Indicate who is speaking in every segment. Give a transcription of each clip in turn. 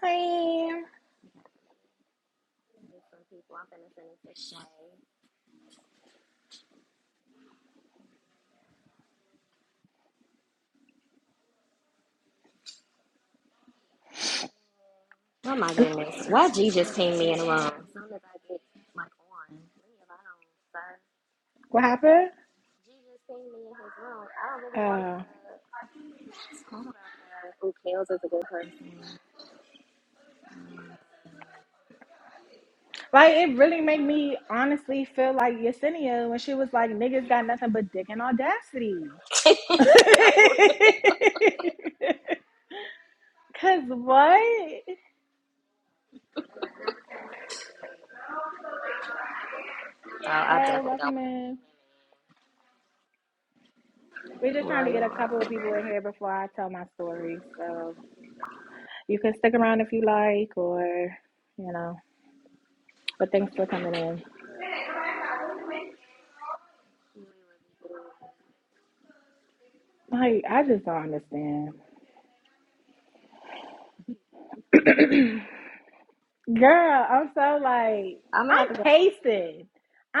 Speaker 1: Hey,
Speaker 2: Some people, I'm finna send it to Shay. Oh my goodness, why G just pinged me in the room? As soon as I get like on, leave alone, sir.
Speaker 1: what happened?
Speaker 2: G just pinged me in his room. I don't really wanna.
Speaker 1: Uh,
Speaker 2: talk about that. Who cares is a good person?
Speaker 1: like it really made me honestly feel like Yesenia when she was like, "Niggas got nothing but dick and audacity."
Speaker 2: no, for real.
Speaker 1: Cause what?
Speaker 2: Oh, I
Speaker 1: Hey,
Speaker 2: definitely don't
Speaker 1: welcome
Speaker 2: wanna ping.
Speaker 1: in. We're
Speaker 2: you.
Speaker 1: just trying
Speaker 2: Well,
Speaker 1: to get
Speaker 2: you're
Speaker 1: a couple of
Speaker 2: wrong.
Speaker 1: people in here before I tell my story, so you can stick around if you like, or you know. But thanks for coming in. Like I just don't understand. Girl, I'm so like,
Speaker 2: I'm gonna have
Speaker 1: I'm
Speaker 2: to go on mute.
Speaker 1: pacing.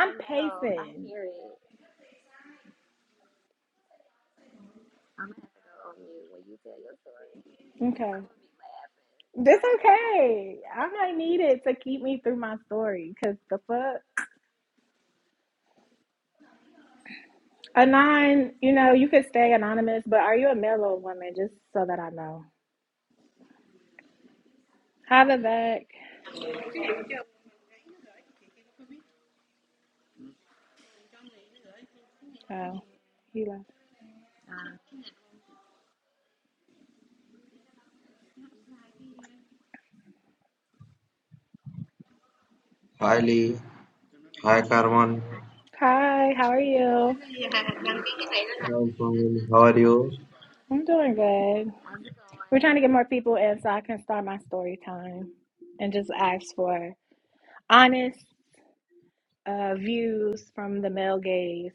Speaker 2: I know, I
Speaker 1: pacing.
Speaker 2: hear it. I'm gonna have to go on mute when you tell your story, cause I'm
Speaker 1: Okay.
Speaker 2: gonna be laughing the
Speaker 1: That's
Speaker 2: whole time.
Speaker 1: okay. I might need it to keep me through my story because the fuck. Anon, you know, you could stay anonymous, but are you a male or a woman? Just so that I know. Hi,
Speaker 2: Hi, baby.
Speaker 1: Vivek. Oh, he left.
Speaker 2: Um,
Speaker 3: Hi Lee. Hi Carmen.
Speaker 2: hi.
Speaker 1: Hi, how are you?
Speaker 2: Yeah, gotta be contagious.
Speaker 3: I'm How are you?
Speaker 1: I'm doing good.
Speaker 2: I'm so
Speaker 1: We're trying
Speaker 2: I
Speaker 1: to get more people in so I can start my story time and just ask for honest uh, views from the male gaze.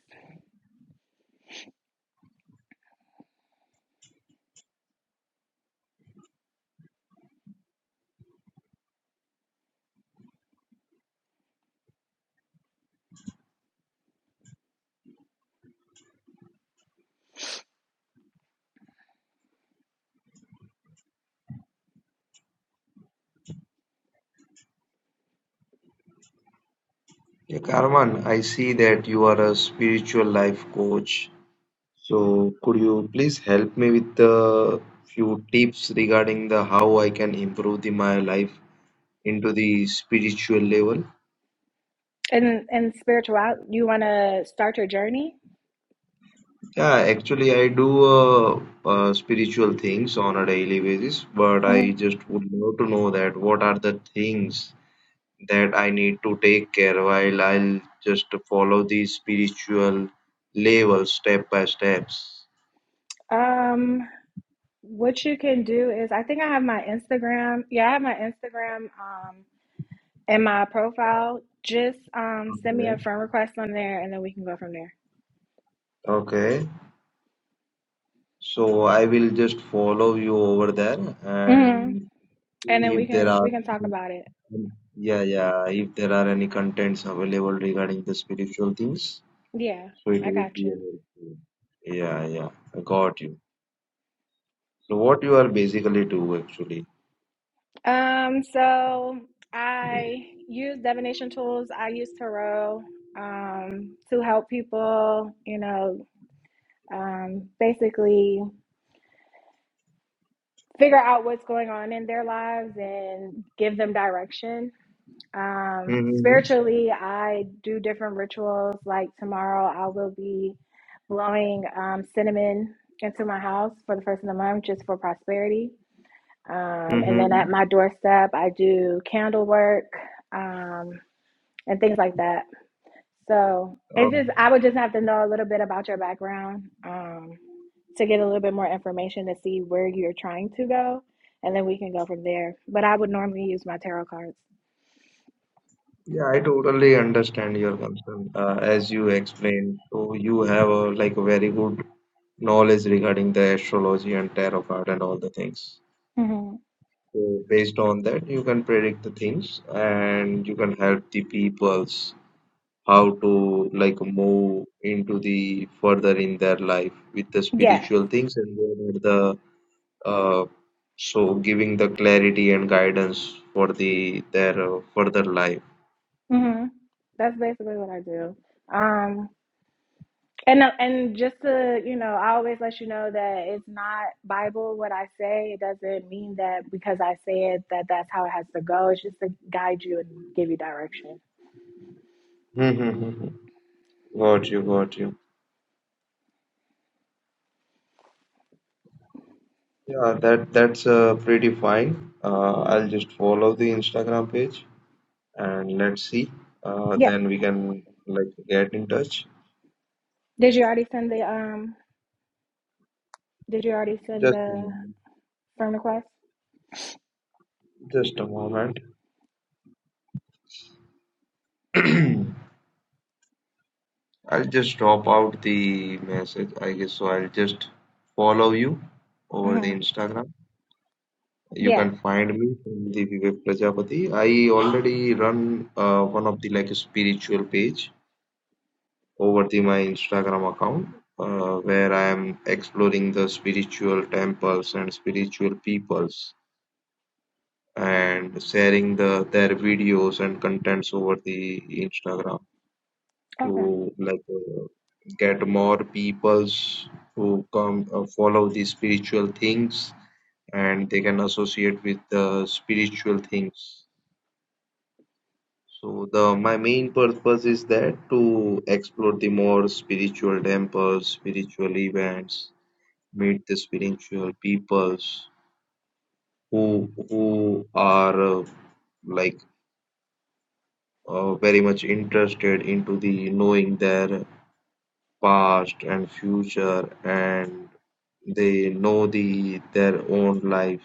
Speaker 3: Yeah, Carmen, I see that you are a spiritual life coach. So could you please help me with the few tips regarding the how I can improve the, my life into the spiritual level?
Speaker 1: And and spirituality, you want to start your journey?
Speaker 3: Yeah, actually I do uh, uh, spiritual things on a daily basis, but I
Speaker 1: hmm
Speaker 3: just would love to know that what are the things that I need to take care while I'll just follow these spiritual levels step by steps.
Speaker 1: Um, what you can do is, I think I have my Instagram. Yeah, I have my Instagram um in my profile. Just um send me a
Speaker 3: Okay.
Speaker 1: friend request on there, and then we can go from there.
Speaker 3: Okay. So I will just follow you over there
Speaker 1: hmm
Speaker 3: and
Speaker 1: And then we
Speaker 3: if there
Speaker 1: can
Speaker 3: are
Speaker 1: we can talk about it.
Speaker 3: yeah yeah if there are any contents available regarding the spiritual things.
Speaker 1: Yeah,
Speaker 3: So it
Speaker 1: I
Speaker 3: would
Speaker 1: got
Speaker 3: be
Speaker 1: you.
Speaker 3: helpful. Yeah yeah I got you. So what you are basically do actually?
Speaker 1: Um, so I use divination tools. I use tarot um to help people. You know, um, basically. figure out what's going on in their lives and give them direction. Um,
Speaker 3: Mm-hmm.
Speaker 1: spiritually, I do different rituals. Like tomorrow, I will be blowing um, cinnamon into my house for the first of the month just for prosperity. Um, and then at my
Speaker 3: Mm-hmm.
Speaker 1: doorstep, I do candle work um, and things like that. So it's just, I would just have to know a little bit about your background. Um, to get a little bit more information to see where you're trying to go, and then we can go from there. But I would normally use my tarot cards.
Speaker 3: Yeah, I totally understand your concern. Uh, as you explained, so you have a like a very good knowledge regarding the astrology and tarot card and all the things.
Speaker 1: Mm-hmm.
Speaker 3: So based on that, you can predict the things and you can help the peoples how to like move into the further in their life with the
Speaker 1: Yes.
Speaker 3: spiritual things and what are the uh, so giving the clarity and guidance for the their uh, further life.
Speaker 1: hmm That's basically what I do. Um, and uh, and just to you know, I always let you know that it's not Bible what I say. It doesn't mean that because I say it that that's how it has to go. It's just to guide you and give you direction.
Speaker 3: Hmm, hmm, hmm, hmm. Got you, got you. Yeah, that that's uh, pretty fine. Uh, I'll just follow the Instagram page and let's see. Uh,
Speaker 1: Yeah.
Speaker 3: then we can like get in touch.
Speaker 1: Did you already send the um? Did you already send
Speaker 3: Just a
Speaker 1: the
Speaker 3: moment.
Speaker 1: firm request?
Speaker 3: Just a moment. I'll just drop out the message, I guess. So I'll just follow you over the
Speaker 1: Mm-hmm.
Speaker 3: Instagram. You
Speaker 1: Yeah.
Speaker 3: can find me from the Vivek Prajapati. I already run uh, one of the like spiritual page. over the my Instagram account uh, where I am exploring the spiritual temples and spiritual peoples and sharing the their videos and contents over the Instagram
Speaker 1: Okay.
Speaker 3: to like uh, get more peoples who come uh, follow the spiritual things and they can associate with the spiritual things. So the my main purpose is that to explore the more spiritual temples, spiritual events, meet the spiritual peoples who who are uh, like uh, very much interested into the knowing their past and future and they know the their own life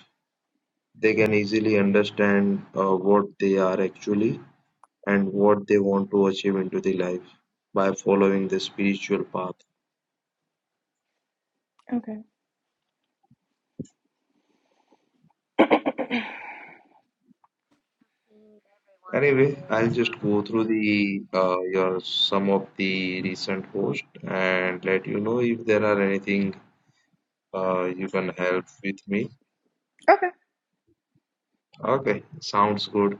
Speaker 3: they can easily understand uh, what they are actually and what they want to achieve into the life by following the spiritual path
Speaker 1: Okay.
Speaker 2: pinged everyone and
Speaker 3: Anyway,
Speaker 2: shared
Speaker 3: I'll
Speaker 2: the
Speaker 3: just
Speaker 2: room.
Speaker 3: go through
Speaker 2: So
Speaker 3: the uh, your some of the recent host and let you know if there are anything uh, you can help with me.
Speaker 1: Okay.
Speaker 3: Okay, sounds good.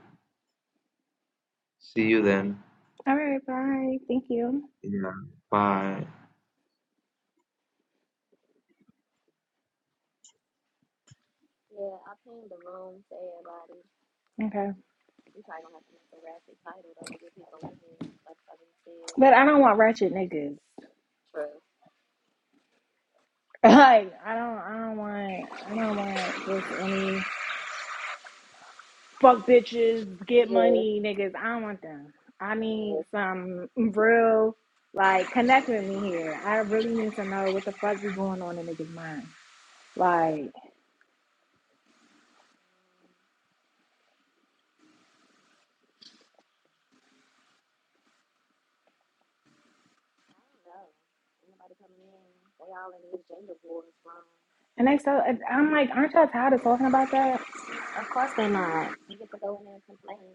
Speaker 3: See you then.
Speaker 1: All right. Bye. Thank you.
Speaker 3: Yeah, bye.
Speaker 2: yeah, I pinged the room to everybody.
Speaker 1: Okay.
Speaker 2: Um, we probably gonna have to make a raspy title though to get people in here. Like I just said.
Speaker 1: But I don't want ratchet niggas.
Speaker 2: True.
Speaker 1: Like I don't. I don't want. I don't want just any fuck bitches get
Speaker 2: Yes,
Speaker 1: money niggas. I don't want them. I need
Speaker 2: yes.
Speaker 1: some real like connect with me here. I really need to know what the fuck be going on in niggas' minds. Like,
Speaker 2: I don't know. Anybody coming in? They all in these gender wars room.
Speaker 1: and they so I'm like, aren't y'all tired of talking about that?
Speaker 2: Of course they not. You get to go in there and complain.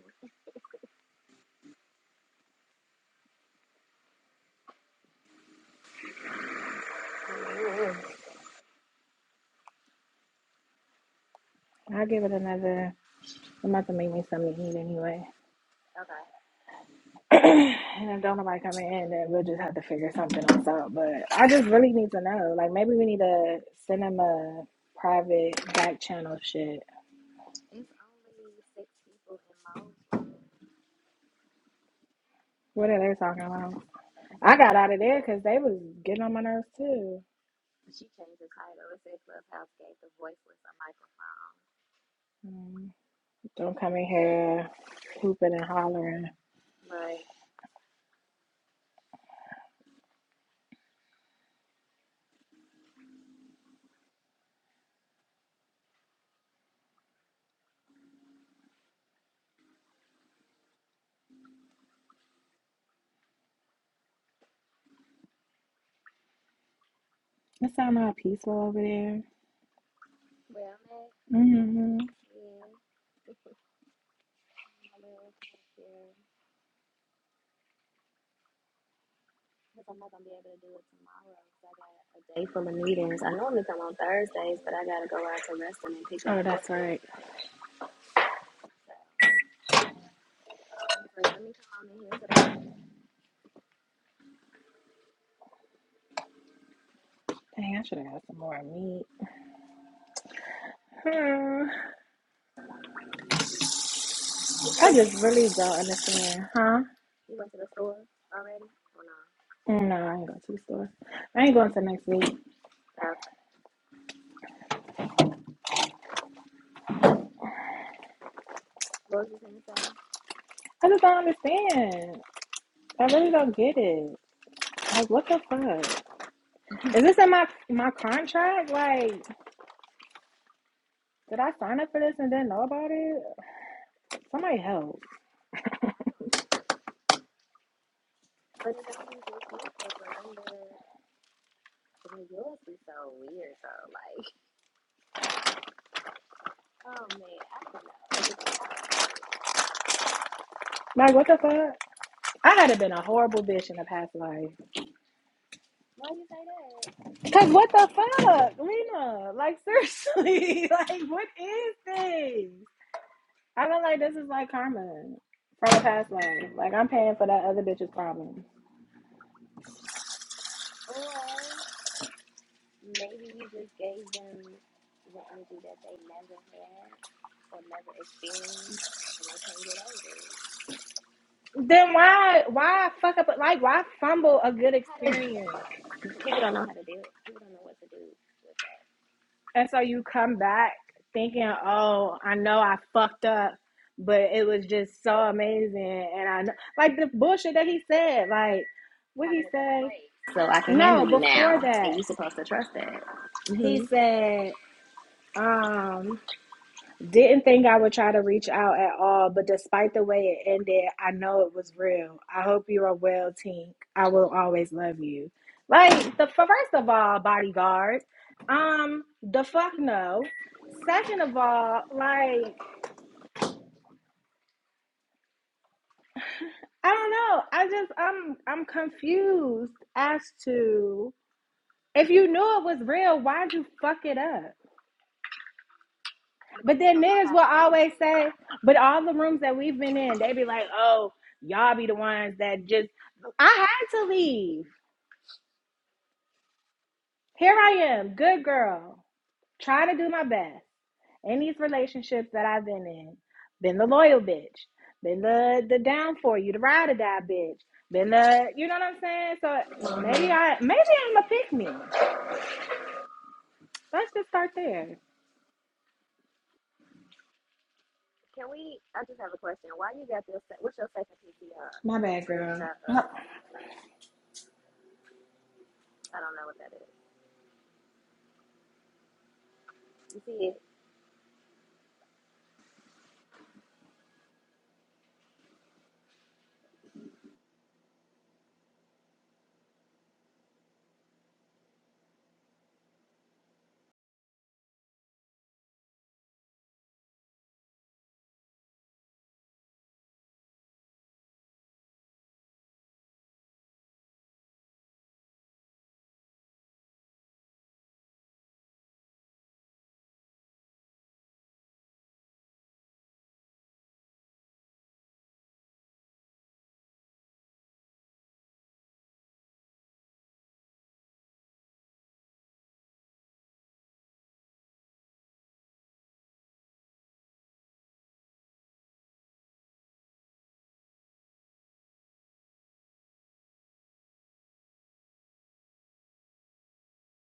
Speaker 2: Mhm.
Speaker 1: I'll give it another. I'm about to make me something to eat anyway.
Speaker 2: Okay.
Speaker 1: and if Donna might come in, then we'll just have to figure something else out. But I just really need to know. Like maybe we need to send them a private back channel shit.
Speaker 2: It's only six people in Mo's room.
Speaker 1: What are they talking about?
Speaker 2: You say
Speaker 1: I got out of there
Speaker 2: clubhouse
Speaker 1: because they was getting on my nerves too.
Speaker 2: She changed the title. It said Clubhouse gave the voiceless a microphone,
Speaker 1: Mm, Don't come in
Speaker 2: which,
Speaker 1: here hooping and hollering.
Speaker 2: right.
Speaker 1: It sound all peaceful over there.
Speaker 2: Well, Mac,
Speaker 1: hmm
Speaker 2: yeah. My little check here. Because I'm not going to be able to do it tomorrow because I got a day full of meetings. I normally come on Thursdays, but I got to go out to Reston and pick up
Speaker 1: Oh, that's
Speaker 2: Portland.
Speaker 1: right.
Speaker 2: So I was like, let me come on in here today.
Speaker 1: Dang, I should have got some more meat. Hmm.
Speaker 2: Did you go
Speaker 1: I
Speaker 2: to the
Speaker 1: just
Speaker 2: store
Speaker 1: really
Speaker 2: yet?
Speaker 1: don't understand, huh?
Speaker 2: You went to the store already? Or no?
Speaker 1: No, I ain't going to the store. I ain't going to next week.
Speaker 2: Okay. What was you going to say? I don't
Speaker 1: I just don't understand. I really don't get it. Like, what the fuck? Is this in my my contract? Like, did I sign up for this and didn't know about it? Like, Somebody help.
Speaker 2: know. But it don't be just you, because remember, But yours is so weird though. Like, oh man, I don't know. I just I don't get it.
Speaker 1: Like, what the fuck? I had have been a horrible bitch in a past life.
Speaker 2: Why you say that?
Speaker 1: Cause what the fuck, Lena? Like, seriously, like, what is this? I feel like this is like karma from a past life. Like, I'm paying for that other bitch's problem.
Speaker 2: Or maybe you just gave them the energy that they never had or never experienced and they can't get over it.
Speaker 1: Then why, why fuck up? Like, why fumble a good
Speaker 2: I
Speaker 1: experience?
Speaker 2: mean, I don't know how to- People don't know how to deal. People don't know what to do with that.
Speaker 1: And so you come back thinking, oh, I know I fucked up, but it was just so amazing. And I know, like the bullshit that he said, like, what
Speaker 2: I'm
Speaker 1: he
Speaker 2: in a better
Speaker 1: say?
Speaker 2: place, so I can
Speaker 1: No,
Speaker 2: handle you
Speaker 1: before
Speaker 2: now, and
Speaker 1: that,
Speaker 2: you're supposed to trust that. hmm
Speaker 1: he said, um, Didn't think I would try to reach out at all, but despite the way it ended, I know it was real. I hope you are well, Tink. I will always love you. Like the first of all, bodyguard. Um, the fuck no. Second of all, like I don't know. I just I'm I'm confused as to if you knew it was real, why'd you fuck it up? But
Speaker 2: Because they
Speaker 1: then
Speaker 2: don't know
Speaker 1: niggas
Speaker 2: how
Speaker 1: will always say,
Speaker 2: to
Speaker 1: but all the rooms that we've been in, they be like, oh, y'all be the ones that just, I had to leave. Here I am, good girl, trying to do my best. In these relationships that I've been in, been the loyal bitch, been the the down for you, the ride or die bitch, been the, you know what I'm saying? So
Speaker 2: handle it. Mhm.
Speaker 1: maybe I, maybe I'm a pick me. Let's just start there.
Speaker 2: Can we? I just have a question. Why you got this? What's your second PTR?
Speaker 1: My
Speaker 2: It's a
Speaker 1: bad,
Speaker 2: screenshot of.
Speaker 1: girl.
Speaker 2: I don't know what that is. You see it?